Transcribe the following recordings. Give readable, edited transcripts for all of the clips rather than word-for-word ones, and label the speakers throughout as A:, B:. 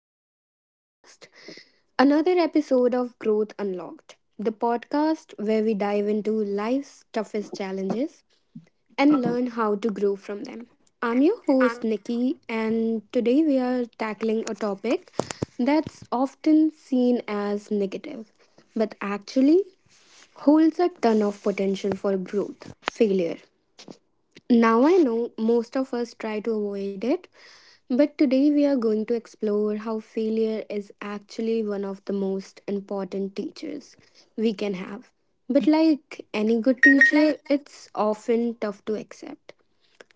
A: to my podcast. Another episode of Growth Unlocked, the podcast where we dive into life's toughest challenges and learn how to grow from them. I'm your host Nikki and today we are tackling a topic that's often seen as negative but actually holds a ton of potential for growth, failure. Now I know most of us try to avoid it, but today we are going to explore how failure is actually one of the most important teachers we can have. But like any good teacher, it's often tough to accept.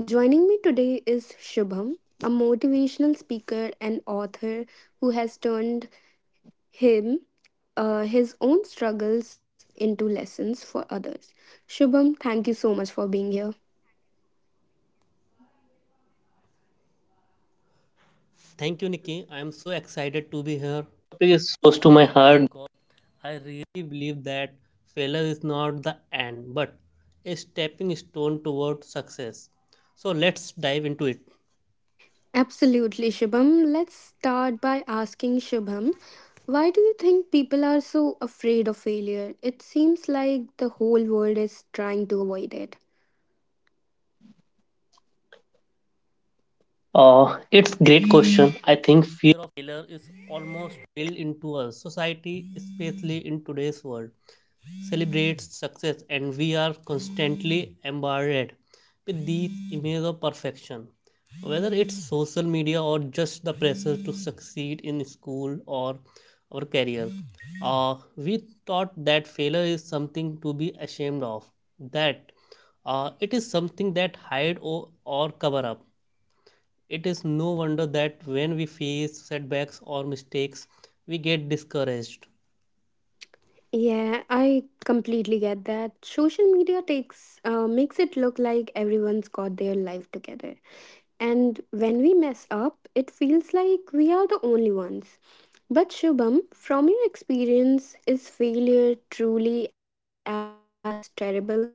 A: Joining me today is Shubham, a motivational speaker and author who has turned him his own struggles into lessons for others. Shubham, thank you so much for being here. Absolutely, Shubham. Let's start by asking Shubham, why do you think people are so afraid of failure? It seems like the whole world is trying to avoid it.
B: It's great question. I think It is no wonder that when we face setbacks or mistakes, we get discouraged.
A: Yeah, I completely get that. Social media takes makes it look like everyone's got their life together. And when we mess up, it feels like we are the only ones. But Shubham, from your experience, is failure truly as terrible as we think it is?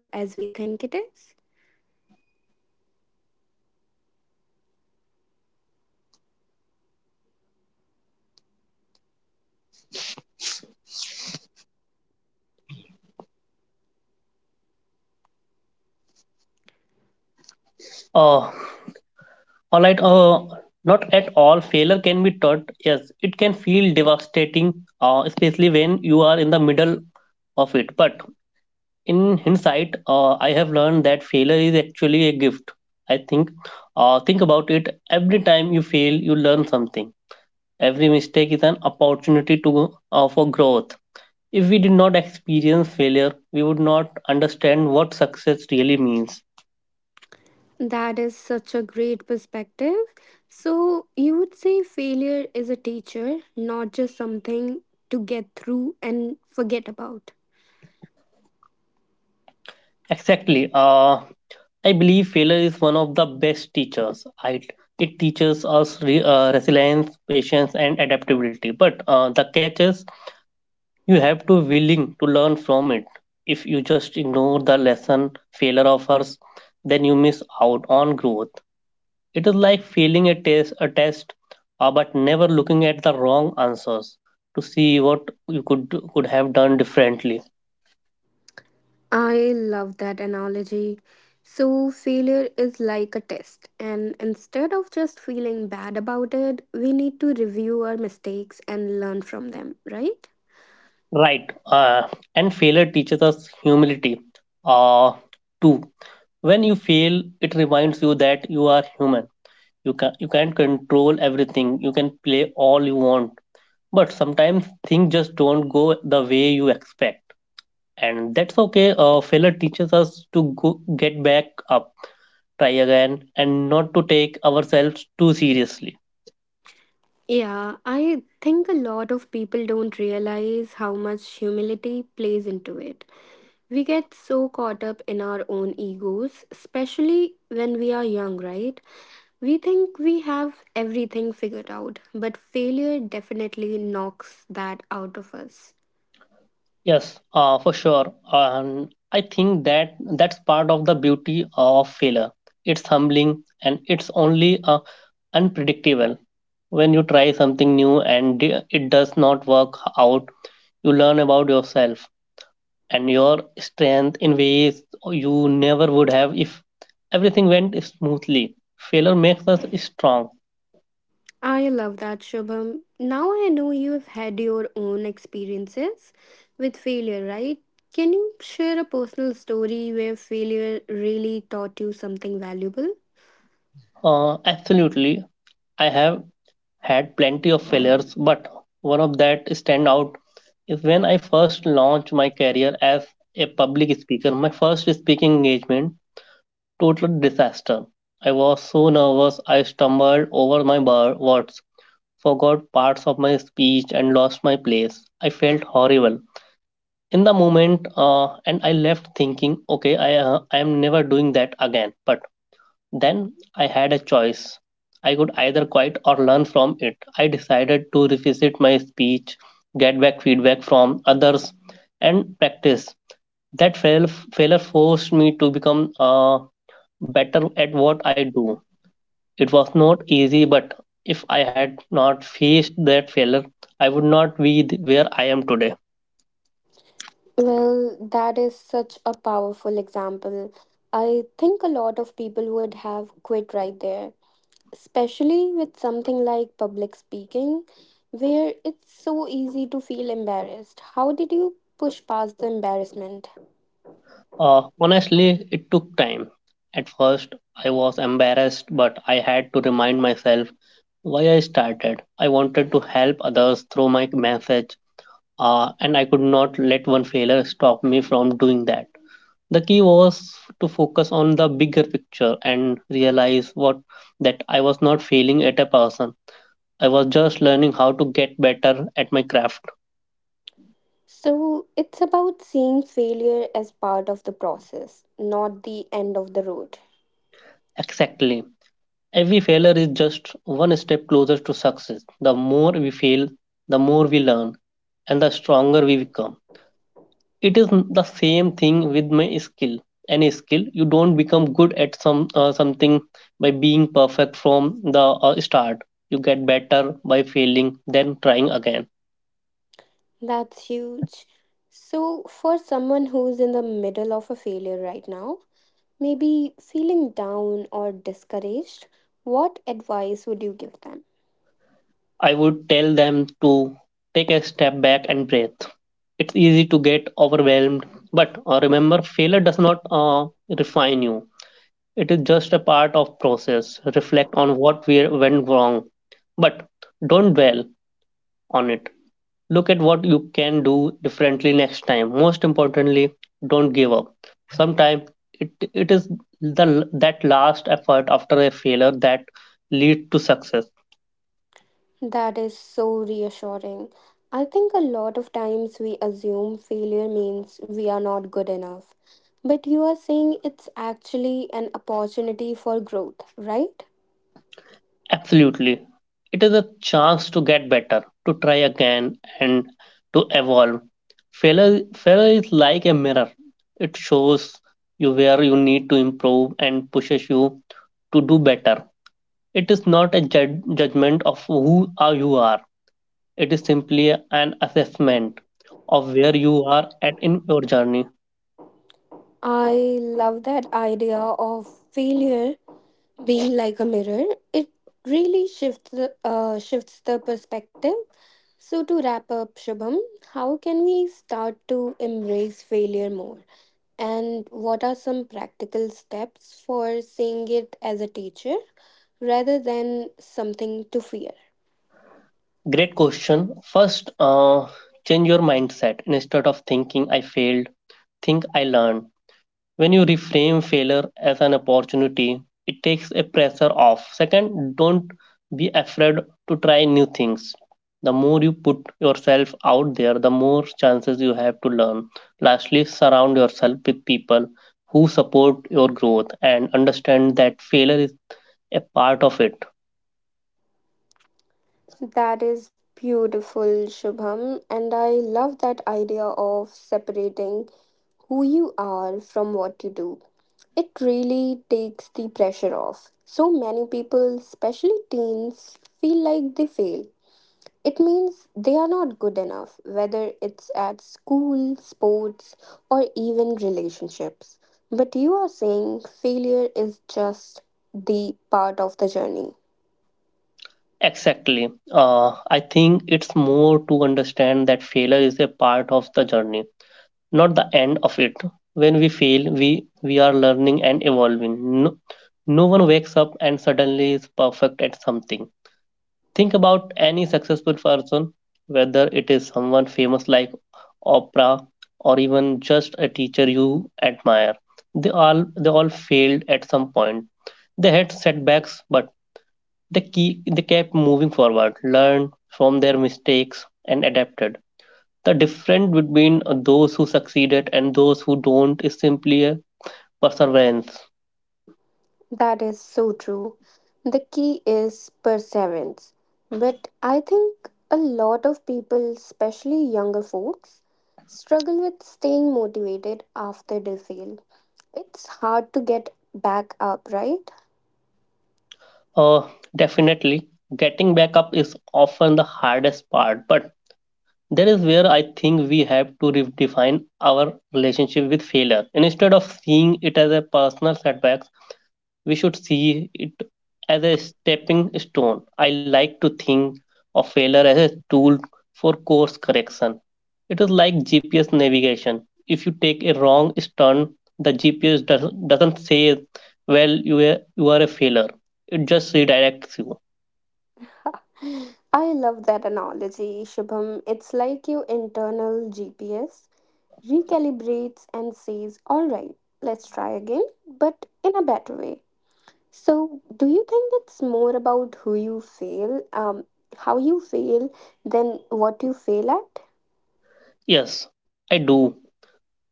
B: Uh, all right. Not at all. Failure can be taught. Yes, it can feel devastating, especially when you are in the middle of it. In hindsight, I have learned that failure is actually a gift. I think. Think about it. Every time you fail, you learn something. Every mistake is an opportunity to for growth. If we did not experience failure, we would not understand what success really means.
A: That is such a great perspective. So, you would say failure is a teacher, not just something to get through and forget about.
B: Exactly. I believe failure is one of the best teachers. It teaches us resilience, patience, and adaptability. But the catch is you have to willing to learn from it. If you just ignore the lesson failure offers, then you miss out on growth. It is like failing a test, but never looking at the wrong answers to see what you could have done differently.
A: I love that analogy. So, failure is like a test, and instead of just feeling bad about it, we need to review our mistakes and learn from them, right?
B: Right. Uh, and failure teaches us humility. Uh, too. When you fail, it reminds you that you are human. You can't control everything. You can play all you want, but sometimes things just don't go the way you expect, and that's okay. Failure teaches us to get back up, try again, and not to take ourselves too seriously.
A: Yeah, I think a lot of people don't realize how much humility plays into it. We get so caught up in our own egos, especially when we are young, right? We think we have everything figured out, but failure definitely knocks that out of us.
B: Yes, for sure. And I think that's part of the beauty of failure. It's humbling and it's only unpredictable. When you try something new and it does not work out, you learn about yourself and your strength in ways you never would have if everything went smoothly. Failure makes us strong.
A: I love that, Shubham. Now I know you've had your own experiences with failure, right? Can you share a personal story where failure really taught you something valuable?
B: Absolutely. I have had plenty of failures, but one of that stand out is when I first launched my career as a public speaker. My first speaking engagement, total disaster. I was so nervous, I stumbled over my words, forgot parts of my speech, and lost my place. I felt horrible in the moment, and I left thinking, okay, I am never doing that again. But then I had a choice. I could either quit or learn from it. I decided to revisit my speech, get back feedback from others, and practice. That failure forced me to become better at what I do. It was not easy, but if I had not faced that failure, I would not be where I am today.
A: Well, that is such a powerful example. I think a lot of people would have quit right there, especially with something like public speaking, where it's so easy to feel embarrassed. How did you push past the embarrassment?
B: Honestly, it took time. At first, I was embarrassed, but I had to remind myself why I started. I wanted to help others through my message, and I could not let one failure stop me from doing that. The key was to focus on the bigger picture and realize what that I was not failing at a person. I was just learning how to get better at my craft.
A: So, it's about seeing failure as part of the process, not the end of the road.
B: Exactly. Every failure is just one step closer to success. The more we fail, the more we learn, and the stronger we become. It is the same thing with my skill. Any skill, you don't become good at something by being perfect from the start. You get better by failing, then trying again.
A: That's huge. So, for someone who's in the middle of a failure right now, maybe feeling down or discouraged, what advice would you give them?
B: I would tell them to take a step back and breathe. It's easy to get overwhelmed, but remember, failure does not refine you. It is just a part of process. Reflect on what we went wrong, but don't dwell on it. Look at what you can do differently next time. Most importantly, don't give up. Sometimes it, it is the that last effort after a failure that leads to success.
A: That is so reassuring. I think a lot of times we assume failure means we are not good enough. But you are saying it's actually an opportunity for growth, right?
B: Absolutely. It is a chance to get better, to try again, and to evolve. Failure is like a mirror, it shows you where you need to improve and pushes you to do better. It is not a judgment of who are you are, it is simply an assessment of where you are at in your journey.
A: I love that idea of failure being like a mirror, it really shifts shifts the perspective. So to wrap up, Shubham, how can we start to embrace failure more? And what are some practical steps for seeing it as a teacher rather than something to fear?
B: Great question. First, change your mindset. Instead of thinking I failed, think I learned. When you reframe failure as an opportunity, it takes a pressure off. Second, don't be afraid to try new things. The more you put yourself out there, the more chances you have to learn. Lastly, surround yourself with people who support your growth and understand that failure is a part of it.
A: That is beautiful, Shubham, and I love that idea of separating who you are from what you do. It really takes the pressure off. So many people, especially teens, feel like they fail. It means they are not good enough, whether it's at school, sports, or even relationships. But you are saying failure is just the part of the journey.
B: Exactly. I think it's more to understand that failure is a part of the journey, not the end of it. When we fail, we are learning and evolving. No, no one wakes up and suddenly is perfect at something. Think about any successful person, whether it is someone famous like Oprah or even just a teacher you admire. They all failed at some point. They had setbacks, but they kept moving forward, learned from their mistakes and adapted. The difference between those who succeeded and those who don't is simply a perseverance.
A: That is so true. The key is perseverance. But I think a lot of people, especially younger folks, struggle with staying motivated after they fail. It's hard to get back up, right?
B: Uh, Definitely, getting back up is often the hardest part, but that is where I think we have to redefine our relationship with failure. And instead of seeing it as a personal setback, we should see it as a stepping stone. I like to think of failure as a tool for course correction. It is like GPS navigation. If you take a wrong turn, doesn't say, well, you are a failure. It just redirects you.
A: I love that analogy, Shubham. It's like your internal GPS recalibrates and says, all right, let's try again, but in a better way. So, do you think it's more about how you fail, than what you fail at?
B: Yes, I do.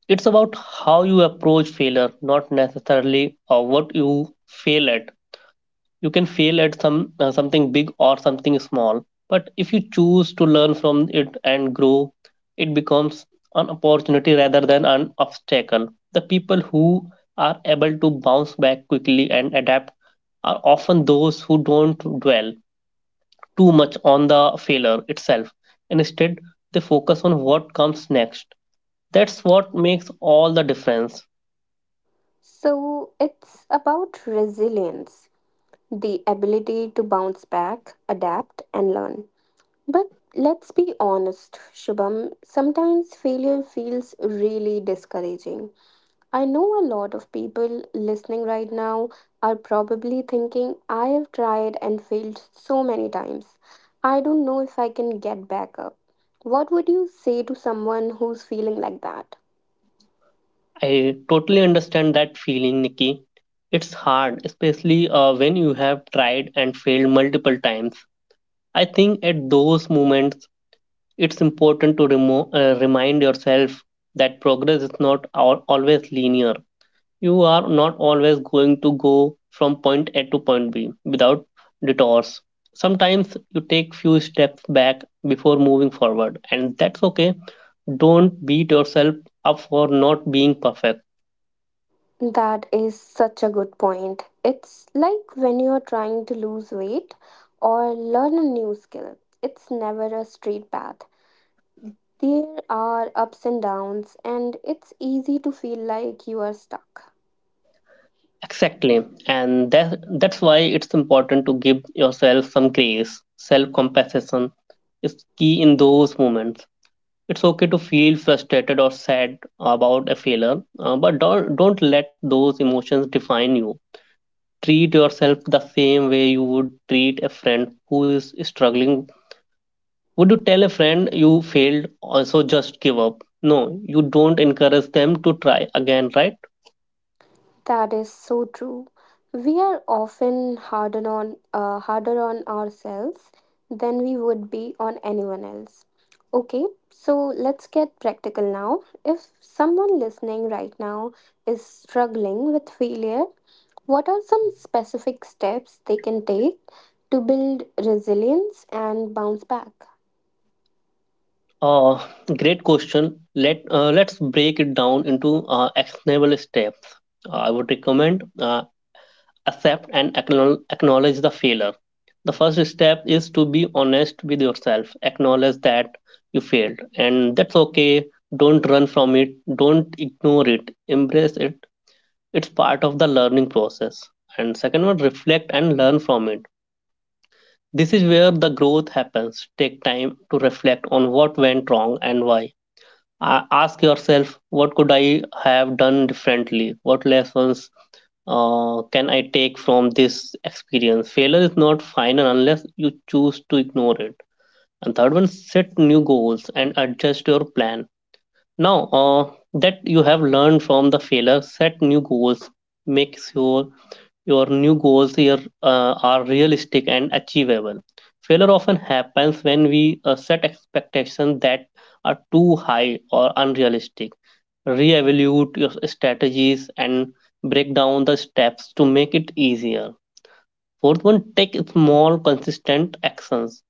B: It's about how you approach failure, not necessarily what you fail at. You can fail at something big or something small, but if you choose to learn from it and grow, it becomes an opportunity rather than an obstacle. The people who are able to bounce back quickly and adapt are often those who don't dwell too much on the failure itself. Instead, they focus on what comes next. That's what makes all the difference.
A: So, it's about resilience, the ability to bounce back, adapt, and learn. But let's be honest, Shubham, sometimes failure feels really discouraging. I know a lot of people listening right now are probably thinking, I have tried and failed so many times. I don't know if I can get back up. What would you say to someone who's feeling like that?
B: I totally understand that feeling, Nikki. It's hard, especially when you have tried and failed multiple times. I think at those moments, it's important to remind yourself that progress is not always linear. You are not always going to go from point A to point B without detours. Sometimes you take few steps back before moving forward, and that's okay. Don't beat yourself up for not being perfect.
A: That is such a good point. It's like when you're trying to lose weight or learn a new skill, it's never a straight path. There are ups and downs, and it's easy to feel like you are stuck.
B: Exactly, and that's why it's important to give yourself some grace. Self-compassion is key in those moments. It's okay to feel frustrated or sad about a failure, but don't let those emotions define you. Treat yourself the same way you would treat a friend who is struggling. Would you tell a friend you failed, also just give up? No, you don't encourage them to try again, right?
A: That is so true. We are often harder on ourselves than we would be on anyone else. Okay, so let's get practical now. If someone listening right now is struggling with failure, what are some specific steps they can take to build resilience and bounce back?
B: Uh, Great question. Let's break it down into actionable steps. I would recommend accept and acknowledge the failure. The first step is to be honest with yourself. Acknowledge that you failed, and that's okay. Don't run from it. Don't ignore it. Embrace it. It's part of the learning process. And second one, reflect and learn from it. This is where the growth happens. Take time to reflect on what went wrong and why. Ask yourself what could I have done differently, what lessons can I take from this experience. Failure is not final unless you choose to ignore it. And third one, set new goals and adjust your plan now that you have learned from the failure. Set new goals, make sure your new goals here are realistic and achievable. Failure often happens when we set expectations that are too high or unrealistic. Re-evaluate your strategies and break down the steps to make it easier. Fourth one, take small, consistent actions.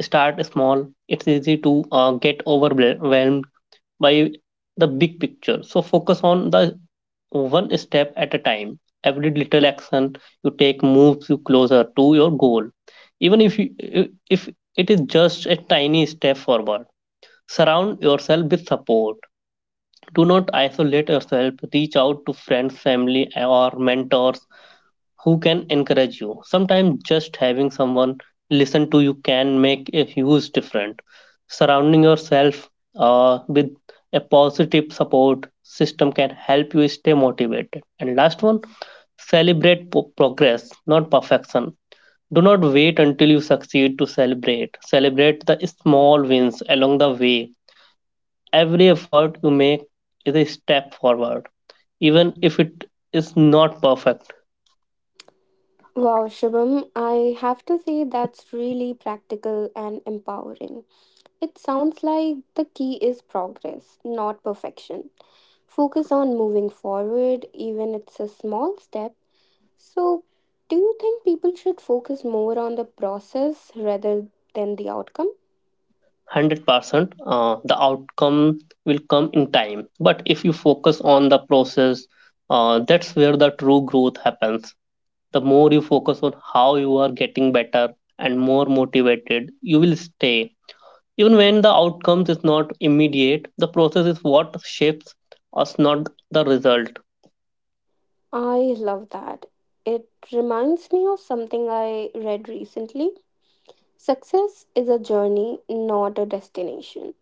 B: Start small. It's easy to get overwhelmed by the big picture. So focus on the one step at a time. Every little action you take moves you closer to your goal. Even if it is just a tiny step forward, surround yourself with support. Do not isolate yourself. Reach out to friends, family, or mentors who can encourage you. Sometimes just having someone listen to you can make a huge difference. Surrounding yourself with a positive support system can help you stay motivated. And last one, celebrate progress, not perfection. Do not wait until you succeed to celebrate. Celebrate the small wins along the way. Every effort you make is a step forward, even if it is not perfect.
A: Wow, Shubham, I have to say that's really practical and empowering. It sounds like the key is progress, not perfection. Focus on moving forward, even it's a small step. So, do you think people should focus more on the process rather than the outcome?
B: 100% the outcome will come in time, but if you focus on the process, that's where the true growth happens. The more you focus on how you are getting better, and more motivated you will stay. Even when the outcomes is not immediate, the process is what shapes us, not the result.
A: I love that. It reminds me of something I read recently. Success is a journey, not a destination.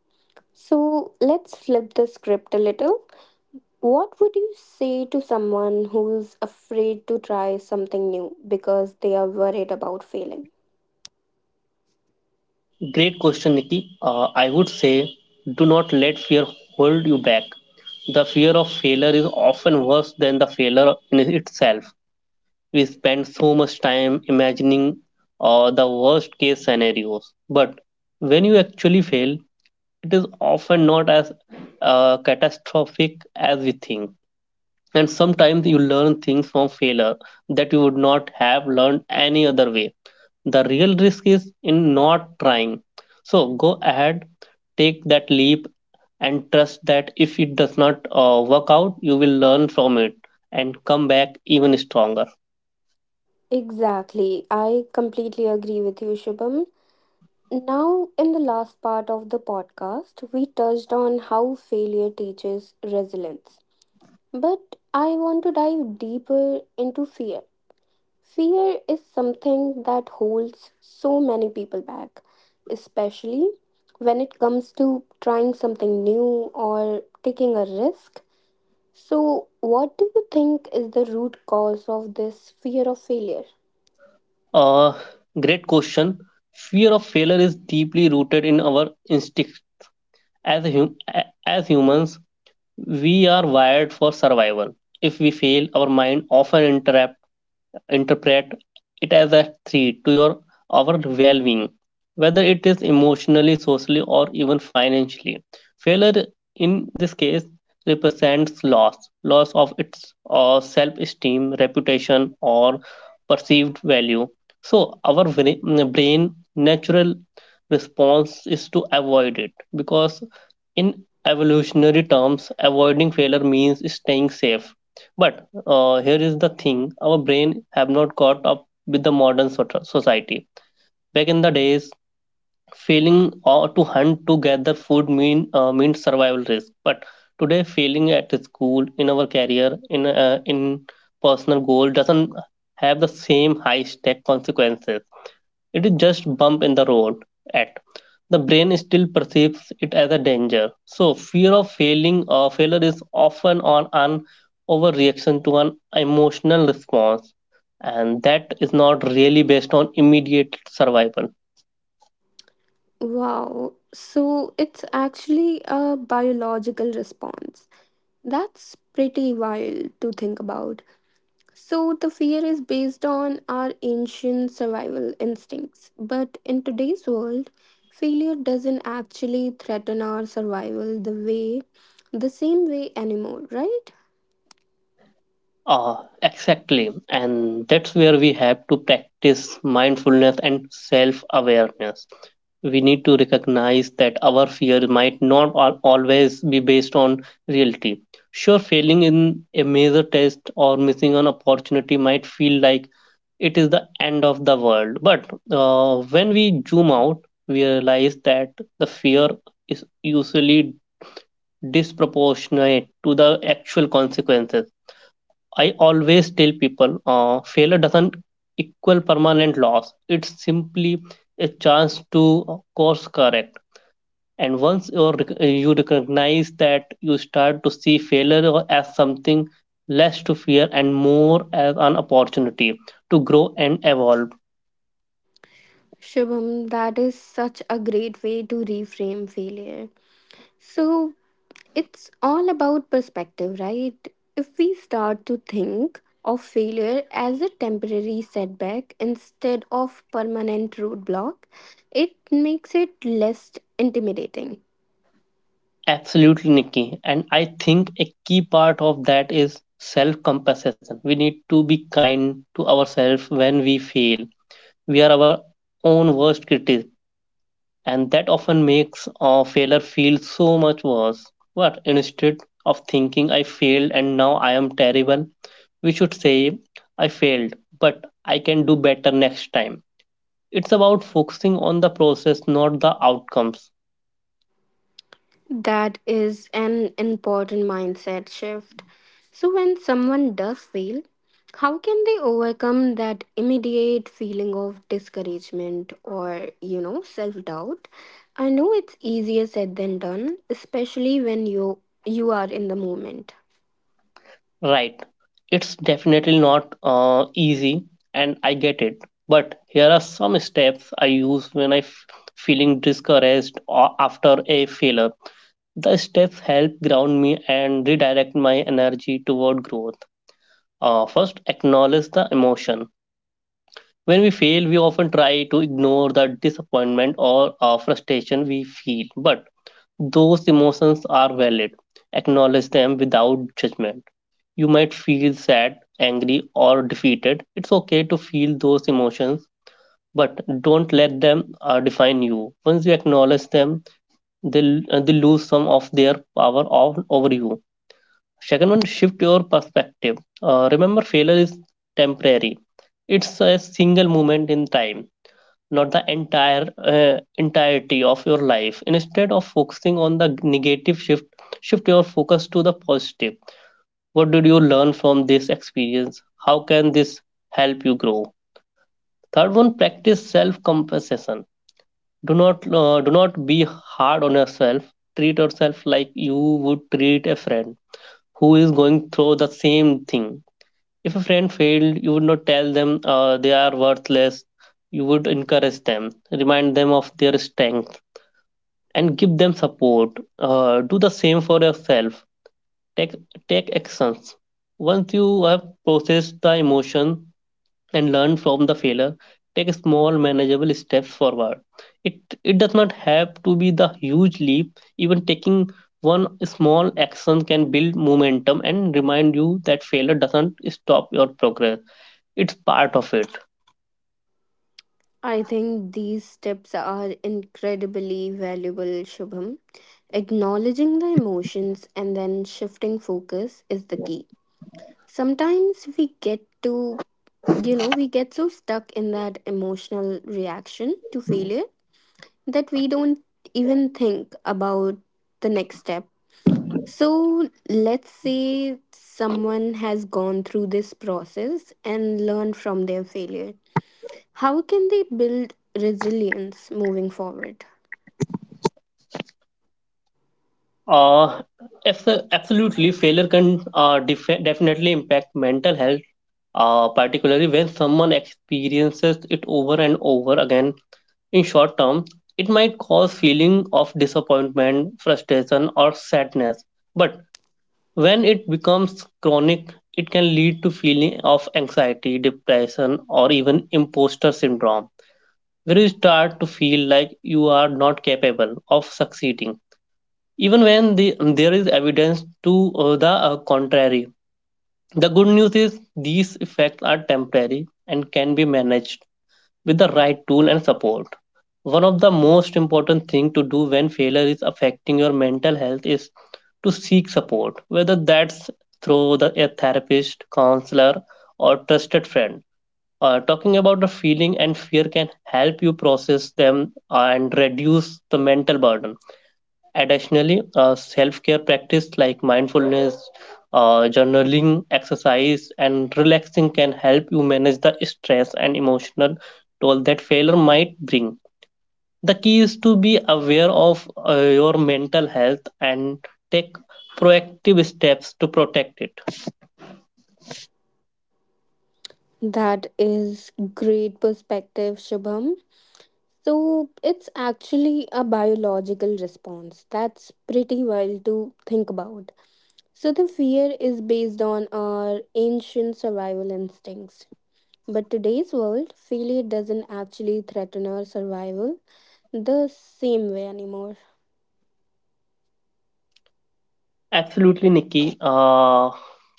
A: So, let's flip the script a little. What would you say to someone who's afraid to try something new because they are worried about failing?
B: Great question, Nikki. I would say do not let fear hold you back. The fear of failure is often worse than the failure in itself. We spend so much time imagining the worst case scenarios. But when you actually fail, it is often not as catastrophic as we think, and sometimes you learn things from failure that you would not have learned any other way. The real risk is in not trying, so go ahead, take that leap, and trust that if it does not work out you will learn from it and come back even stronger.
A: Exactly. I completely agree with you, Shubham. Now, in the last part of the podcast, we touched on how failure teaches resilience. But I want to dive deeper into fear. Fear is something that holds so many people back, especially when it comes to trying something new or taking a risk. So, what do you think is the root cause of this fear of failure?
B: uh, Great question. Fear of failure is deeply rooted in our instincts as, hum- as humans. We are wired for survival. If we fail, our mind often interrupts, interpret it as a threat to your our well-being, whether it is emotionally, socially, or even financially. Failure in this case represents loss, loss of its self-esteem, reputation, or perceived value. So our brain natural response is to avoid it because in evolutionary terms avoiding failure means staying safe. But here is the thing, our brain have not caught up with the modern society. Back in the days failing or to hunt to gather food mean means survival risk, but today failing at school, in our career, in personal goal doesn't have the same high stake consequences. It is just bump in the road, at the brain still perceives it as a danger. So fear of failing or failure is often on an overreaction to an emotional response, and that is not really based on immediate survival.
A: Wow, so it's actually a biological response. That's pretty wild to think about. So, the fear is based on our ancient survival instincts. But in today's world, failure doesn't actually threaten our survival the same way anymore, right?
B: Ah, exactly, and that's where we have to practice mindfulness and self awareness. We need to recognize that our fear might not always be based on reality. Sure, failing in a major test or missing an opportunity might feel like it is the end of the world. But when we zoom out, we realize that the fear is usually disproportionate to the actual consequences. I always tell people, failure doesn't equal permanent loss, it's simply a chance to course correct. And once you recognize that, you start to see failure as something less to fear and more as an opportunity to grow and evolve.
A: Shubham, that is such a great way to reframe failure. So, it's all about perspective, right? If we start to think of failure as a temporary setback instead of permanent roadblock, it makes it less intimidating.
B: Absolutely, Nikki, and I think a key part of that is self compassion. We need to be kind to ourselves when we fail. We are our own worst critics, and that often makes a failure feel so much worse. But instead of thinking I failed and now I am terrible, we should say I failed, but I can do better next time. It's about focusing on the process, not the outcomes.
A: That is an important mindset shift. So, when someone does fail, how can they overcome that immediate feeling of discouragement or, you know, self doubt? I know it's easier said than done, especially when you are in the moment.
B: Right. It's definitely not easy, and I get it. But here are some steps I use when feeling discouraged or after a failure. The steps help ground me and redirect my energy toward growth. First, acknowledge the emotion. When we fail, we often try to ignore the disappointment or frustration we feel, but those emotions are valid. Acknowledge them without judgment. You might feel sad, angry, or defeated. It's okay to feel those emotions, but don't let them define you. Once you acknowledge them, they lose some of their power over you. Second one, shift your perspective. Remember, failure is temporary. It's a single moment in time, not the entire entirety of your life. Instead of focusing on the negative, shift your focus to the positive. What did you learn from this experience? How can this help you grow? Third one, practice self-compassion. Do not be hard on yourself. Treat yourself like you would treat a friend who is going through the same thing. If a friend failed, you would not tell them they are worthless. You would encourage them, remind them of their strength, and give them support. Do the same for yourself. Take, Take actions. Once you have processed the emotion and learned from the failure, take small, manageable steps forward. It does not have to be the huge leap. Even taking one small action can build momentum and remind you that failure doesn't stop your progress, it's part of it.
A: I think these steps are incredibly valuable, Shubham. Acknowledging the emotions and then shifting focus is the key. Sometimes we get we get so stuck in that emotional reaction to failure that we don't even think about the next step. So, let's say someone has gone through this process and learned from their failure. How can they build resilience moving forward?
B: uh Absolutely, failure can definitely impact mental health, particularly when someone experiences it over and over again. In short term it might cause feeling of disappointment, frustration, or sadness, but when it becomes chronic it can lead to feeling of anxiety, depression, or even imposter syndrome, where you start to feel like you are not capable of succeeding even when there is evidence to the contrary. The good news is these effects are temporary and can be managed with the right tool and support. One of the most important things to do when failure is affecting your mental health is to seek support, whether that's through a therapist, counselor, or trusted friend. Talking about the feeling and fear can help you process them and reduce the mental burden. Additionally, self care practice like mindfulness, journaling, exercise, and relaxing can help you manage the stress and emotional toll that failure might bring. The key is to be aware of your mental health and take proactive steps to protect it.
A: That is great perspective, Shubham. So, it's actually a biological response. That's pretty wild to think about. So the fear is based on our ancient survival instincts. But today's world, failure doesn't actually threaten our survival the same way anymore.
B: Absolutely, Nikki.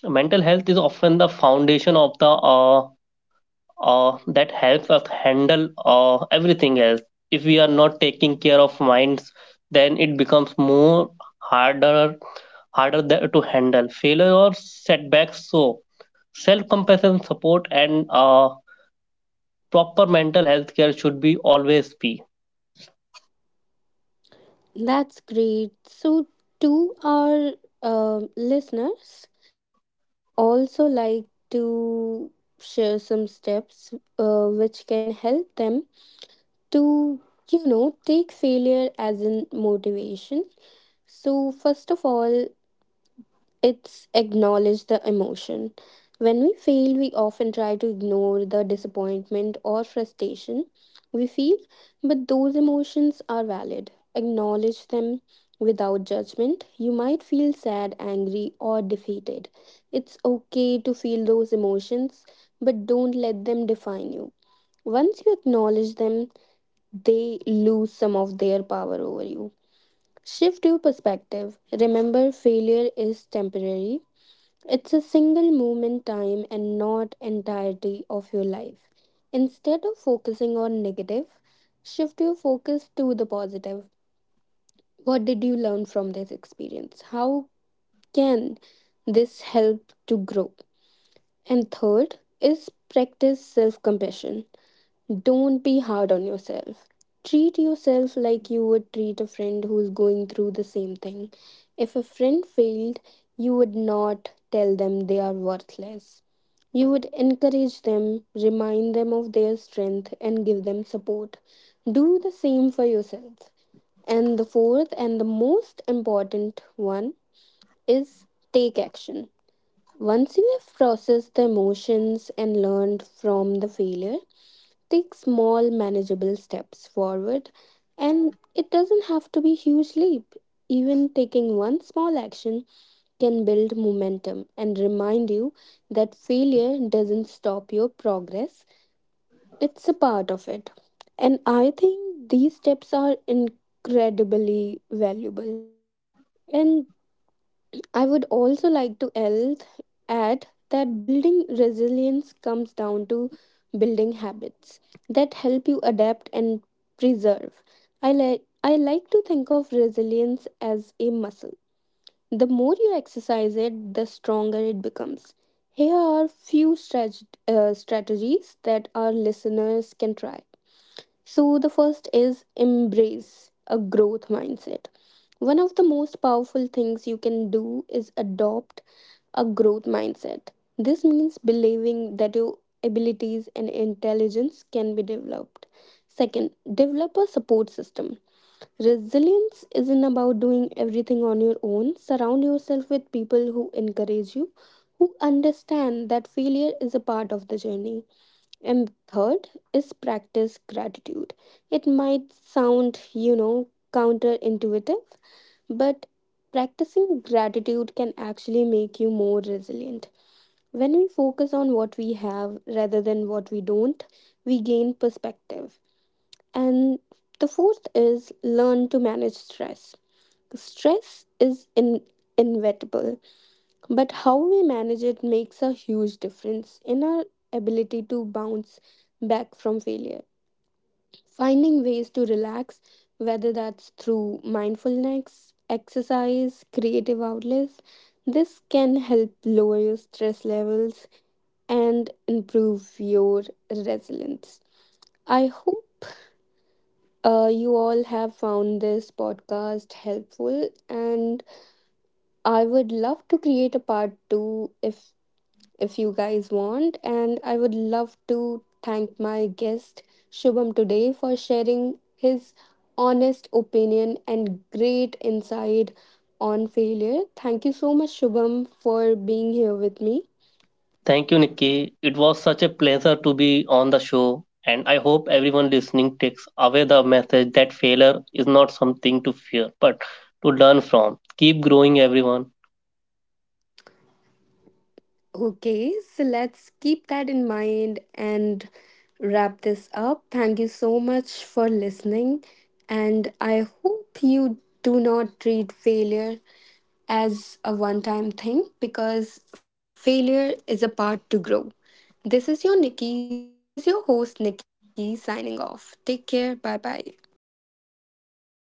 B: Mental health is often the foundation of the that helps us handle everything else. If we are not taking care of minds, then it becomes more harder harder to handle failure or setbacks. So self compassion, support, and proper mental health care should be always be.
A: That's great. So to our listeners, I would also like to share some steps which can help them to you know take failure as in motivation. So first of all, it's acknowledge the emotion. When we fail, we often try to ignore the disappointment or frustration we feel, but those emotions are valid. Acknowledge them without judgment. You might feel sad, angry, or defeated. It's okay to feel those emotions, but don't let them define you. Once you acknowledge them, they lose some of their power over you. Shift your perspective. Remember, failure is temporary, it's a single moment time and not entirety of your life. Instead of focusing on negative, shift your focus to the positive. What did you learn from this experience? How can this help to grow? And third is practice self compassion. Don't be hard on yourself. Treat yourself like you would treat a friend who's going through the same thing. If a friend failed, you would not tell them they are worthless. You would encourage them, remind them of their strength, and give them support. Do the same for yourself. And the fourth and the most important one is take action. Once you have processed the emotions and learned from the failure, take small, manageable steps forward, and it doesn't have to be huge leap. Even taking one small action can build momentum and remind you that failure doesn't stop your progress. It's a part of it. And I think these steps are incredibly valuable. And I would also like to add that building resilience comes down to building habits that help you adapt and preserve. I like to think of resilience as a muscle. The more you exercise it, the stronger it becomes. Here are few strategies that our listeners can try. So, the first is embrace a growth mindset. One of the most powerful things you can do is adopt a growth mindset. This means believing that your abilities and intelligence can be developed. Second, develop a support system. Resilience isn't about doing everything on your own. Surround yourself with people who encourage you, who understand that failure is a part of the journey. And third is practice gratitude. It might sound, you know, counterintuitive, but practicing gratitude can actually make you more resilient. When we focus on what we have rather than what we don't, we gain perspective. And the fourth is learn to manage stress. Stress is inevitable, but how we manage it makes a huge difference in our ability to bounce back from failure. Finding ways to relax, whether that's through mindfulness, exercise, creative outlets, this can help lower your stress levels and improve your resilience. I hope you all have found this podcast helpful, and I would love to create a part two if you guys want. And I would love to thank my guest Shubham today for sharing his honest opinion and great insight on failure. Thank you so much, Shubham, for being here with me.
B: Thank you, Nikki. It was such a pleasure to be on the show. And I hope everyone listening takes away the message that failure is not something to fear, but to learn from. Keep growing, everyone.
A: Okay, so let's keep that in mind and wrap this up. Thank you so much for listening, and I hope you do not treat failure as a one time thing because failure is a part to grow. This is your Nikki, this is your host Nikki signing off. Take care. Bye bye.